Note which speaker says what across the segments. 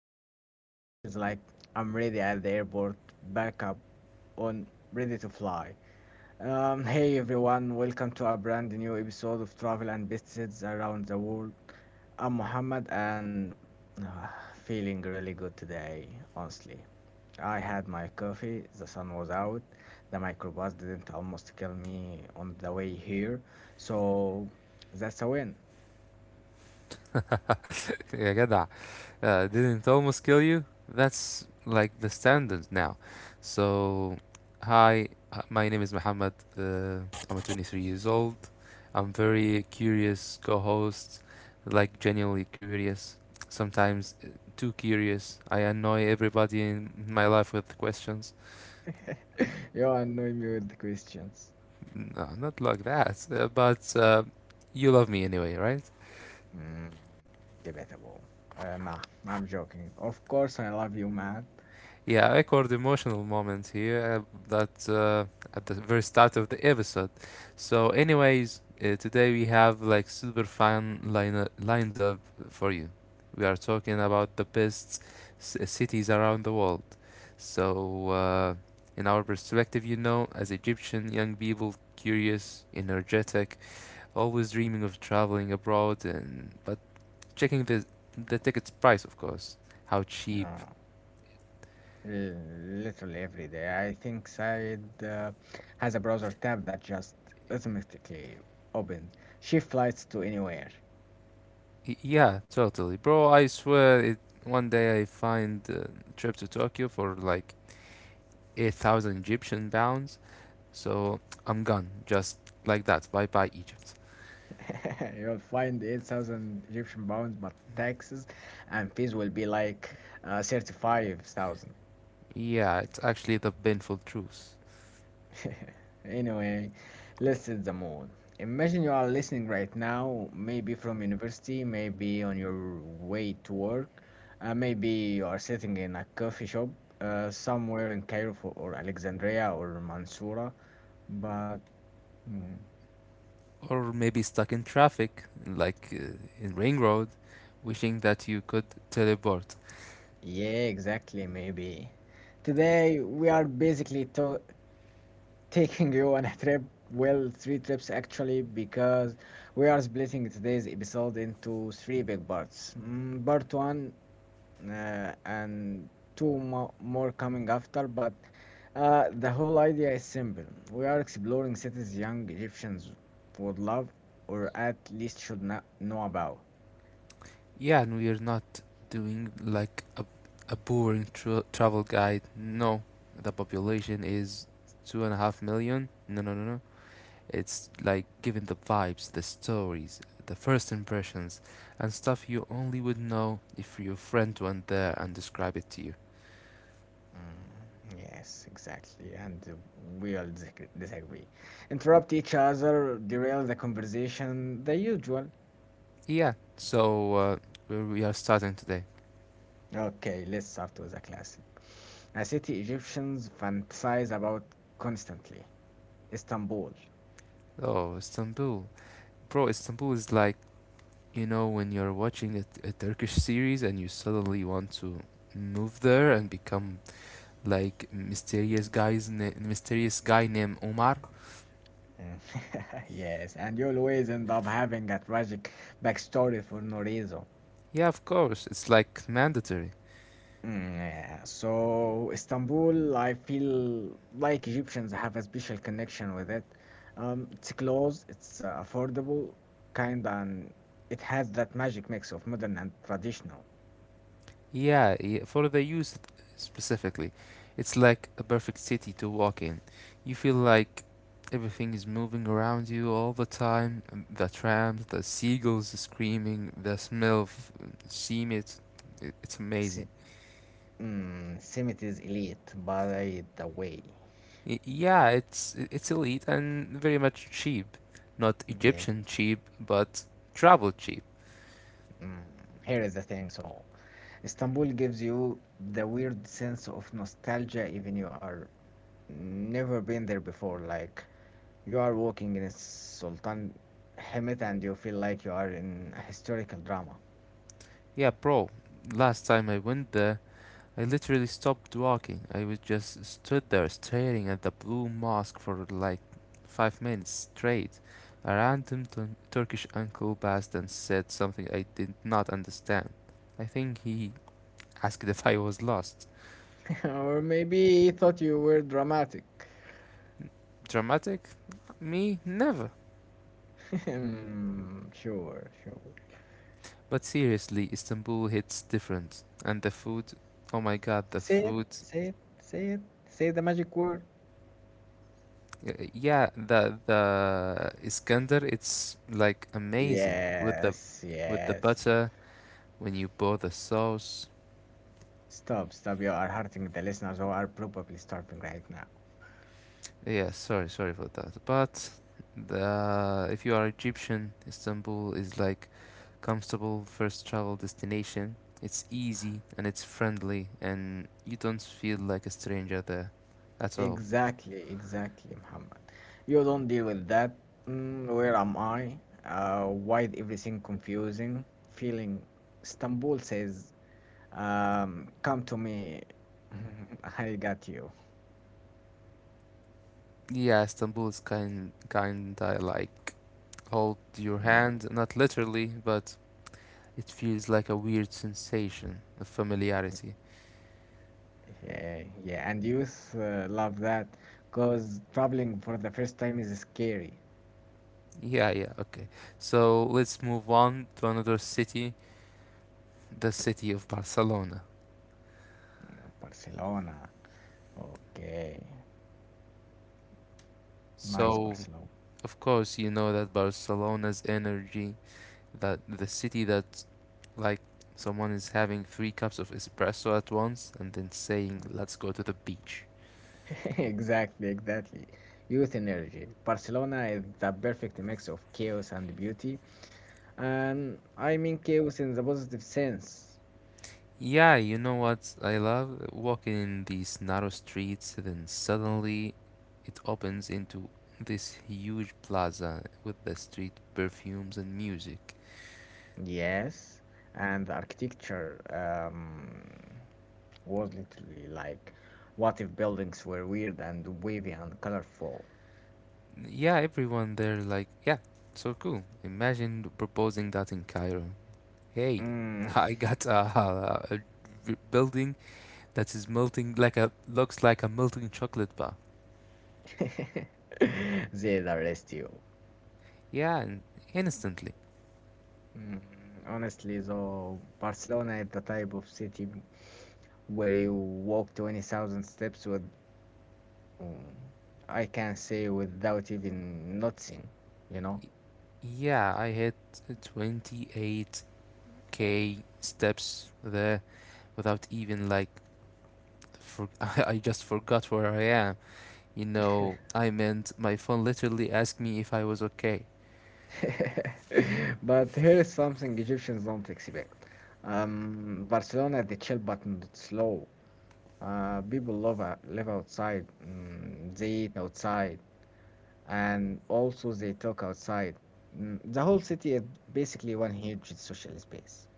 Speaker 1: Every time it feels like I'm ready at the airport, back up on ready to fly. Hey everyone, welcome to a brand new episode of Travel and Visits Around the World. I'm Mohammed and feeling really good today, honestly. I had my coffee, the sun was out, the microbus didn't almost kill me on the way here, so that's a win.
Speaker 2: Yeah, get that. Didn't almost kill you? That's like the standard now. So, hi, my name is Muhammad. I'm 23 years old. I'm very curious co-host, like genuinely curious. Sometimes too curious. I annoy everybody in my life with questions.
Speaker 1: You annoy me with the questions.
Speaker 2: No, not like that. But you love me anyway, right?
Speaker 1: Mm, debatable. Nah, I'm joking. Of course, I love you, man.
Speaker 2: Yeah, I record emotional moments here that at the very start of the episode. So, anyways, today we have like super fun lined up for you. We are talking about the best cities around the world. So, in our perspective, you know, as Egyptian young people, curious, energetic, always dreaming of traveling abroad, and but checking the tickets price, of course, how cheap.
Speaker 1: No, literally every day. I think Said has a browser tab that just automatically opens. She flights to anywhere.
Speaker 2: Yeah, totally. Bro, I swear it, one day I find a trip to Tokyo for like 8,000 Egyptian pounds. So I'm gone. Just like that. Bye bye, Egypt.
Speaker 1: You'll find 8,000 Egyptian pounds, but taxes and fees will be like 35,000.
Speaker 2: Yeah, it's actually the painful truth.
Speaker 1: Anyway, let's set the mood. Imagine you are listening right now, maybe from university, maybe on your way to work, maybe you are sitting in a coffee shop somewhere in Cairo for, or Alexandria or Mansoura. But mm,
Speaker 2: Or maybe stuck in traffic, like in Ring Road, wishing that you could teleport.
Speaker 1: yeah, exactly, maybe. Today we are basically to taking you on a trip. Well, three trips actually, because we are splitting today's episode into three big parts. Mm, part one and more coming after, but the whole idea is simple. We are exploring cities young Egyptians would love, or at least should not know about.
Speaker 2: Yeah, and we're not doing like a boring travel guide. No, the population is two and a half million. No, no, no, no. It's like giving the vibes, the stories, the first impressions, and stuff you only would know if your friend went there and described it to you.
Speaker 1: Yes, exactly, and we all disagree. Interrupt each other, derail the conversation, the usual.
Speaker 2: Yeah, so where we are starting today.
Speaker 1: Okay, let's start with a classic. A city Egyptians fantasize about constantly. Istanbul.
Speaker 2: Oh, Istanbul. Bro, Istanbul is like, you know, when you're watching a Turkish series and you suddenly want to move there and become like mysterious guy named Omar.
Speaker 1: Mm. Yes, and you'll always end up having a tragic backstory for no reason.
Speaker 2: Yeah, of course, it's like mandatory.
Speaker 1: Mm, yeah. So Istanbul, I feel like Egyptians have a special connection with it. It's close, it's affordable, kind, and it has that magic mix of modern and traditional.
Speaker 2: Yeah, yeah, for the youth specifically, it's like a perfect city to walk in. You feel like everything is moving around you all the time, the trams, the seagulls screaming, the smell of cement. It's amazing.
Speaker 1: Si mm, Simit is elite, by the way.
Speaker 2: Yeah, it's elite and very much cheap. Not
Speaker 1: Mm, yeah.
Speaker 2: Egyptian cheap, but travel cheap.
Speaker 1: Mm. Here is the thing. So, Istanbul gives you the weird sense of nostalgia, even you are never been there before. Like you are walking in Sultan Hamid and you feel like you are in a historical drama.
Speaker 2: Yeah, bro. Last time I went there, I literally stopped walking. I was just stood there staring at the blue mosque for like 5 minutes straight. A random Turkish uncle passed and said something I did not understand. I think he asked if I was lost.
Speaker 1: Or maybe he thought you were dramatic.
Speaker 2: Dramatic? Me? Never.
Speaker 1: Hmm, sure, sure.
Speaker 2: But seriously, Istanbul hits different. And the food, oh my god, the
Speaker 1: Say it,
Speaker 2: food.
Speaker 1: say it, say it, say the magic word.
Speaker 2: Yeah, the Iskandar, it's like amazing
Speaker 1: Yes,
Speaker 2: with the
Speaker 1: yes.
Speaker 2: butter when you bought the sauce.
Speaker 1: Stop, stop. You are hurting the listeners who are probably starving right now.
Speaker 2: Yeah, sorry, sorry for that. But the if you are Egyptian, Istanbul is like comfortable first travel destination. It's easy and it's friendly, and you don't feel like a stranger there at all.
Speaker 1: Exactly, exactly, Muhammad. You don't deal with that. Mm, where am I? Why is everything confusing? Feeling Istanbul says, come to me. I got you.
Speaker 2: Yeah, Istanbul is kinda like hold your
Speaker 1: Mm,
Speaker 2: hand, not literally, but it feels like a weird sensation of familiarity.
Speaker 1: yeah, yeah. And youth love that because traveling for the first time is scary.
Speaker 2: Yeah, yeah, okay. So let's move on to another city, the city of Barcelona.
Speaker 1: Mm, Barcelona. Okay. Nice
Speaker 2: So,
Speaker 1: Barcelona.
Speaker 2: of course, you know that Barcelona's energy, that the city that, like, someone is having three cups of espresso at once and then saying, let's go to the beach.
Speaker 1: Exactly, exactly. Youth energy. Barcelona is the perfect mix of chaos and beauty. And I mean chaos in the positive sense.
Speaker 2: Yeah, you know what I love? Walking in these narrow streets, then suddenly it opens into this huge plaza with the street perfumes and music.
Speaker 1: Yes. And the architecture was literally like, what if buildings were weird and wavy and colorful?
Speaker 2: Yeah, everyone there, like, yeah, so cool. Imagine proposing that in Cairo. Hey,
Speaker 1: Mm.
Speaker 2: I got a building that is melting like a looks like a melting chocolate bar.
Speaker 1: They'd arrest you.
Speaker 2: Yeah, and instantly.
Speaker 1: Mm, honestly, though, Barcelona is the type of city where you walk 20,000 steps with Mm, I can say without even noticing, you know.
Speaker 2: Yeah, I had 28K steps there without even like for I just forgot where I am. You know, I meant my phone literally asked me if I was okay.
Speaker 1: But here's something Egyptians don't expect. Barcelona, they chill but not slow. Uh, people love live outside. Mm, they eat outside, and also they talk outside. Mm, the whole city is basically one huge social space.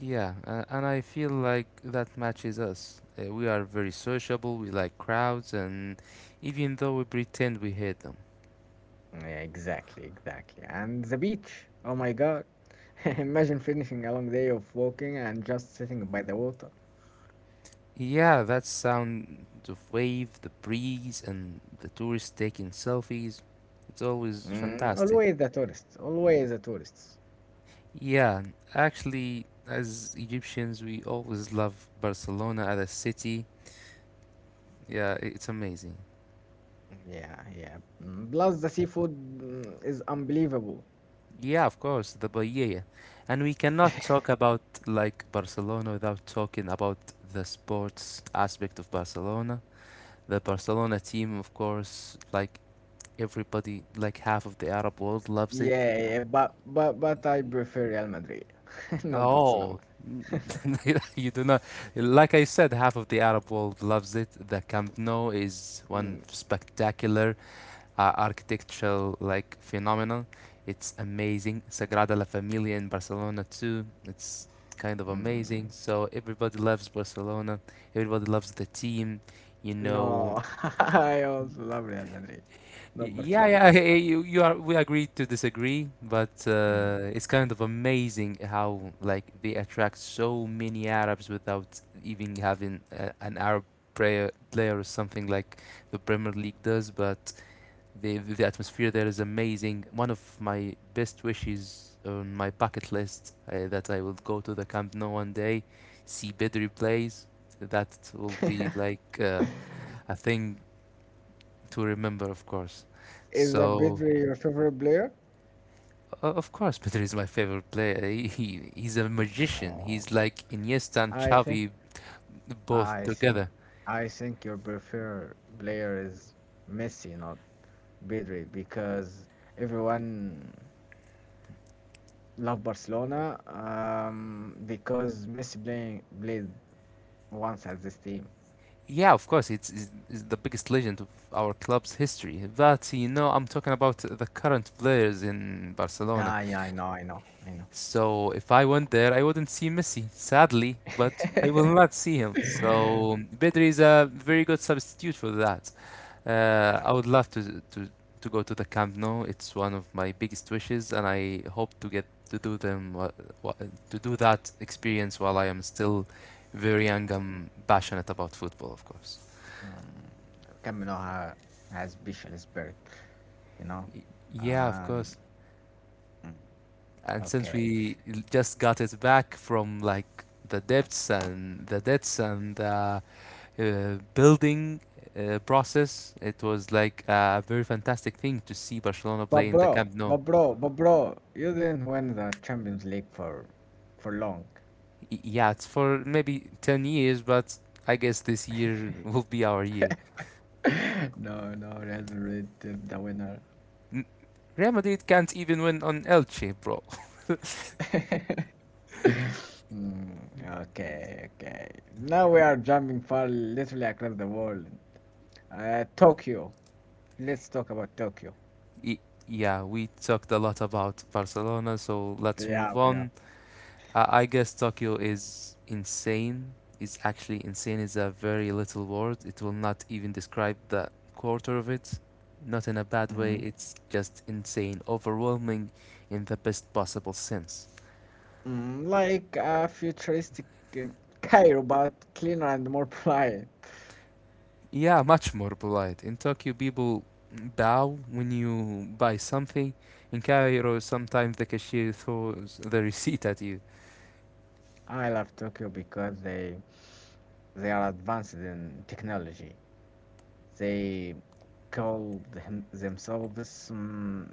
Speaker 2: Yeah, and I feel like that matches us. We are very sociable, we like crowds, and even though we pretend we hate them.
Speaker 1: Yeah, exactly, exactly. And the beach. Oh my God. Imagine finishing a long day of walking and just sitting by the water.
Speaker 2: Yeah, that sound of wave, the breeze, and the tourists taking selfies. It's always
Speaker 1: Mm,
Speaker 2: fantastic.
Speaker 1: always the tourists. Always the tourists.
Speaker 2: Yeah, actually, as Egyptians, we always love Barcelona as a city. Yeah, it's amazing.
Speaker 1: Yeah, yeah. Mm, plus the seafood is unbelievable.
Speaker 2: Yeah, of course, the paella. And we cannot talk about like Barcelona without talking about the sports aspect of Barcelona. The Barcelona team, of course, like everybody, like half of the Arab world loves it.
Speaker 1: Yeah, yeah. But I prefer Real Madrid, not Barcelona.
Speaker 2: Oh, you do not. Like I said, half of the Arab world loves it. The Camp Nou is one
Speaker 1: Mm,
Speaker 2: spectacular architectural like phenomenon. It's amazing. Sagrada La Familia in Barcelona too. It's kind of amazing.
Speaker 1: mm.
Speaker 2: So everybody loves Barcelona. Everybody loves the team. You know,
Speaker 1: No, I also love Real Madrid, not Barcelona.
Speaker 2: Yeah. You are. We agree to disagree, but
Speaker 1: Mm.
Speaker 2: it's kind of amazing how like they attract so many Arabs without even having an Arab player or something like the Premier League does. But the atmosphere there is amazing. One of my best wishes on my bucket list that I will go to the Camp Nou one day, see Pedri plays. That will be like a thing to remember, of course.
Speaker 1: Is that
Speaker 2: So,
Speaker 1: Pedri your favorite player?
Speaker 2: o of course, Pedri is my favorite player. He's a magician.
Speaker 1: Mm,
Speaker 2: He's like Iniesta and
Speaker 1: I think
Speaker 2: Xavi both
Speaker 1: I think
Speaker 2: together.
Speaker 1: I think your preferred player is Messi, not Pedri, because everyone love Barcelona because Messi playing played once at this team.
Speaker 2: Yeah, of course, it's the biggest legend of our club's history. But you know, I'm talking about the current players in Barcelona.
Speaker 1: Ah, yeah, I know.
Speaker 2: So if I went there, I wouldn't see Messi, sadly, but I will not see him. So Pedri is a very good substitute for that.
Speaker 1: Yeah,
Speaker 2: I would love to go to the Camp Nou. It's one of my biggest wishes, and I hope to get to do them to do that experience while I am still very young. I'm passionate about football, of course.
Speaker 1: um, Camp Nou has special spirit, you know.
Speaker 2: Y- Yeah, of
Speaker 1: Um,
Speaker 2: course.
Speaker 1: mm,
Speaker 2: And since
Speaker 1: okay.
Speaker 2: we just got it back from like the depths and the debts and building process, it was like a very fantastic thing to see Barcelona
Speaker 1: But
Speaker 2: play in the
Speaker 1: bro,
Speaker 2: Camp Nou.
Speaker 1: but bro, but bro, you didn't win the Champions League for long.
Speaker 2: Yeah, it's for maybe 10 years, but I guess this year will be our year.
Speaker 1: No, no, Real Madrid is the winner.
Speaker 2: N- Real Madrid can't even win on Elche, bro.
Speaker 1: Mm, okay, okay. Now we are jumping far literally across the world. Tokyo. Let's talk about Tokyo.
Speaker 2: Y- Yeah, we talked a lot about Barcelona, so let's
Speaker 1: Yeah,
Speaker 2: move
Speaker 1: yeah.
Speaker 2: on. I guess Tokyo is insane. It's actually insane is a very little word. It will not even describe the quarter of it. Not in a bad way,
Speaker 1: Hmm.
Speaker 2: it's just insane, overwhelming in the best possible sense.
Speaker 1: Mm, like a futuristic um, Cairo, but cleaner and more polite.
Speaker 2: Yeah, much more polite. In Tokyo, people bow when you buy something. In Cairo, sometimes the cashier throws the receipt at you.
Speaker 1: I love Tokyo because they are advanced in technology. They themselves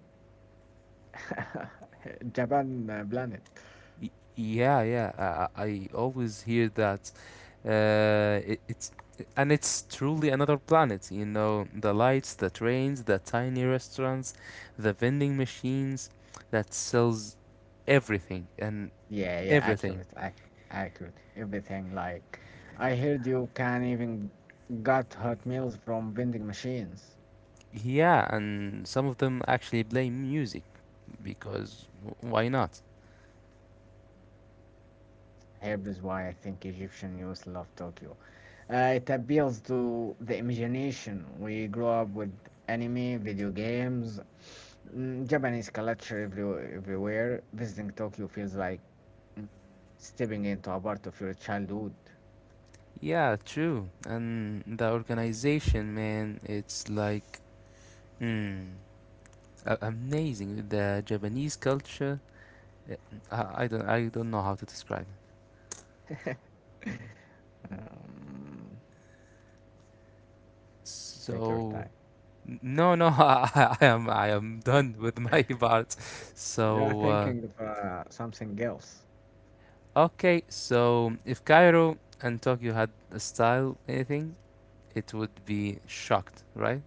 Speaker 1: Japan planet.
Speaker 2: Y- yeah, I always hear that. It's and it's truly another planet. You know, the lights, the trains, the tiny restaurants, the vending machines that sells everything and
Speaker 1: Yeah, yeah,
Speaker 2: everything.
Speaker 1: accurate. Everything like I heard you can even got hot meals from vending machines.
Speaker 2: Yeah, and some of them actually play music because why not?
Speaker 1: Here is why I think Egyptian youth love Tokyo. It appeals to the imagination. We grow up with anime, video games, Japanese culture everywhere, everywhere. Visiting Tokyo feels like mm, stepping into a part of your childhood.
Speaker 2: Yeah, true. And the organization, man, it's like mm, amazing. The Japanese culture, uh, I don't know how to describe.
Speaker 1: Um, take your
Speaker 2: So
Speaker 1: time.
Speaker 2: no, no, I am done with my part.
Speaker 1: You're
Speaker 2: So
Speaker 1: thinking of something else.
Speaker 2: okay, so if Cairo and Tokyo had a style anything, it would be shocked, right?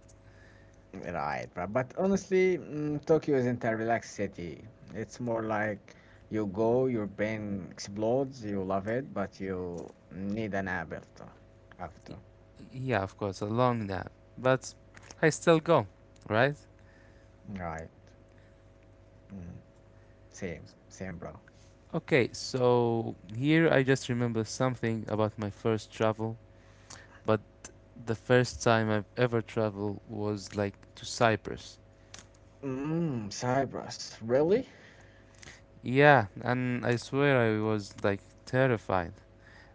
Speaker 1: Right, right. But honestly, Tokyo isn't a relaxed city. It's more like you go, your brain explodes, you love it, but you need a nap after.
Speaker 2: Y-
Speaker 1: After.
Speaker 2: Yeah, of course, a long nap, but I still go, right?
Speaker 1: Right. Mm, same, same, bro.
Speaker 2: Okay, so here I just remember something about my first travel, but the first time I've ever traveled was like to Cyprus.
Speaker 1: Mm, Cyprus. Really?
Speaker 2: Yeah, and I swear I was like terrified.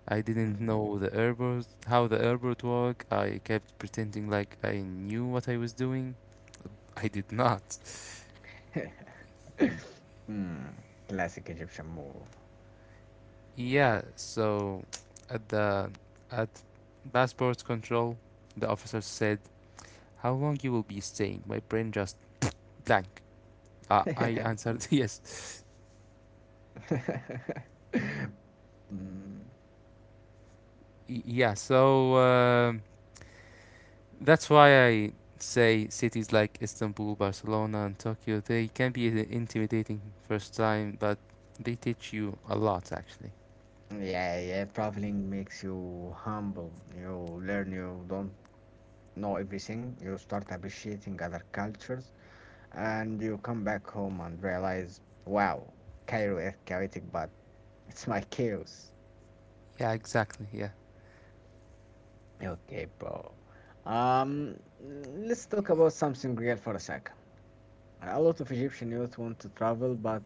Speaker 2: I didn't
Speaker 1: Mm.
Speaker 2: know the airport, how the airport work. I kept pretending like I knew what I was doing. I did not.
Speaker 1: Mm, classic Egyptian move.
Speaker 2: Yeah, so at the at passport control, the officer said, "How long you will be staying?" My brain just blank. I answered yes.
Speaker 1: Mm,
Speaker 2: Yeah, so that's why I say cities like Istanbul, Barcelona, and Tokyo, they can be intimidating first time, but they teach you a lot actually.
Speaker 1: yeah, yeah, traveling makes you humble. You learn you don't know everything, you start appreciating other cultures, and you come back home and realize, wow, Cairo is chaotic, but it's my chaos.
Speaker 2: Yeah, exactly. Yeah.
Speaker 1: Okay, bro. Let's talk about something real for a second. A lot of Egyptian youth want to travel, but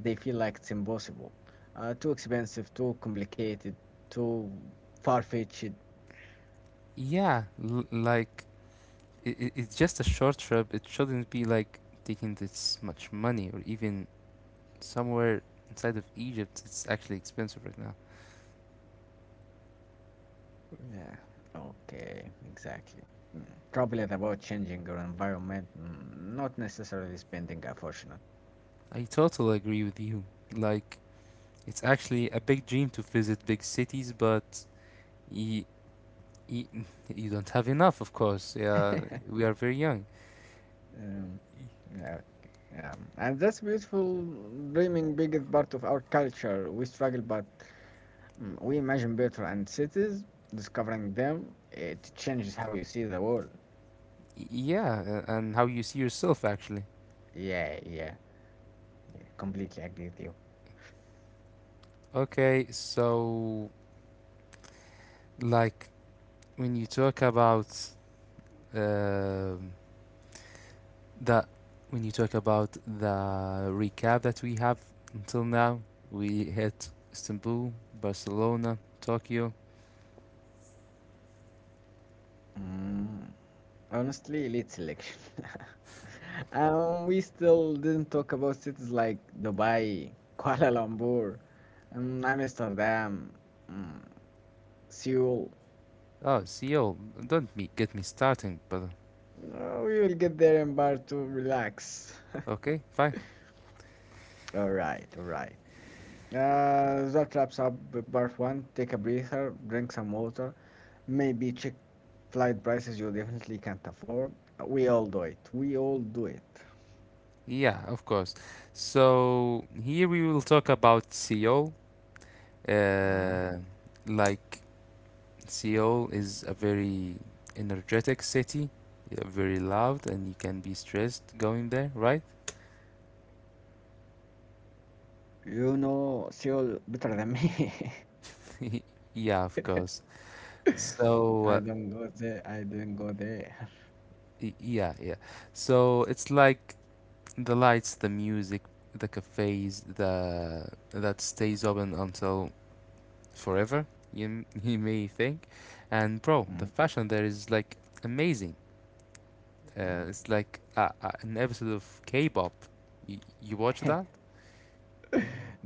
Speaker 1: they feel like it's impossible. Too expensive, too complicated, too far-fetched.
Speaker 2: Yeah, like it's just a short trip. It shouldn't be like taking this much money or even somewhere inside of Egypt. It's actually expensive right now.
Speaker 1: Yeah, okay, exactly. Mm. Probably about changing your environment, not necessarily spending a fortune.
Speaker 2: I totally agree with you. Like it's actually a big dream to visit big cities, but y- y- you don't have enough, of course. Yeah, we are very young.
Speaker 1: Um, yeah, okay, yeah. And that's beautiful, dreaming big is part of our culture. We struggle, but we imagine better, and cities, discovering them, it changes how you see the world.
Speaker 2: Yeah, and how you see yourself actually.
Speaker 1: Yeah, yeah, yeah, completely agree with you.
Speaker 2: Okay, so like when you talk about um that when you talk about the recap that we have until now, we hit Istanbul, Barcelona, Tokyo.
Speaker 1: Mm, honestly, lead selection. We still didn't talk about cities like Dubai, Kuala Lumpur, Amsterdam, mm, Seoul.
Speaker 2: Oh, Seoul. Don't me get me starting, but
Speaker 1: We will get there in part two. Relax.
Speaker 2: okay, fine.
Speaker 1: All right, all right. That wraps up the part one. Take a breather, drink some water, maybe check flight prices you definitely can't afford. We all do it. We all do it.
Speaker 2: Yeah, of course. So here we will talk about Seoul.
Speaker 1: Mm.
Speaker 2: Uh, like Seoul is a very energetic city, yeah, very loud, and you can be stressed going there, right?
Speaker 1: You know Seoul better than me.
Speaker 2: Yeah, of course. So,
Speaker 1: I don't go there. I didn't go there.
Speaker 2: yeah, yeah. So it's like the lights, the music, the cafes, the that stays open until forever. You may think, and bro, the
Speaker 1: Mm,
Speaker 2: fashion there is like amazing.
Speaker 1: mm.
Speaker 2: It's like an episode of K-pop. You watch that?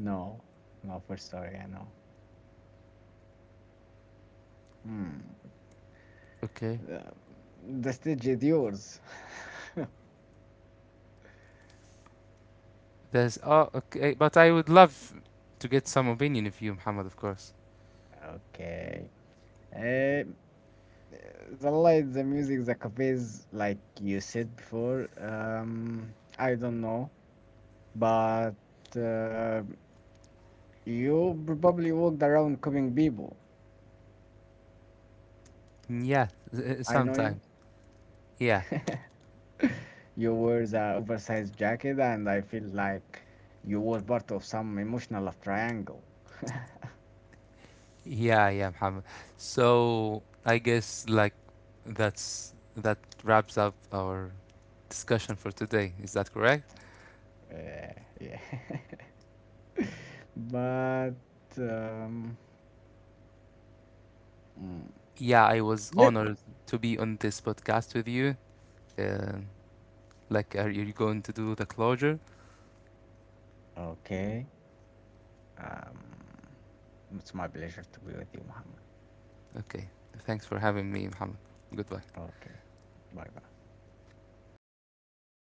Speaker 1: No, no, for sorry, I know. Hmm.
Speaker 2: Okay.
Speaker 1: The, the stage is yours.
Speaker 2: There's oh okay, but I would love to get some opinion of you, Muhammad, of course.
Speaker 1: Okay. Uh, the light, the music, the cafes, like you said before. I don't know, but uh, you probably walked around coming people.
Speaker 2: Yeah,
Speaker 1: I know you.
Speaker 2: sometime. Yeah.
Speaker 1: You wear the oversized jacket, and I feel like you were part of some emotional love triangle.
Speaker 2: Yeah, yeah, Muhammad. So I guess like that's that wraps up our discussion for today. Is that correct?
Speaker 1: Uh, yeah. But um, mm,
Speaker 2: Yeah, I was
Speaker 1: Let,
Speaker 2: honored to be on this podcast with you. Uh, like, are you going to do the closure?
Speaker 1: okay. Um, it's my pleasure to be with you, Muhammad.
Speaker 2: Okay. Thanks for having me, Muhammad. Goodbye.
Speaker 1: Okay. Bye bye.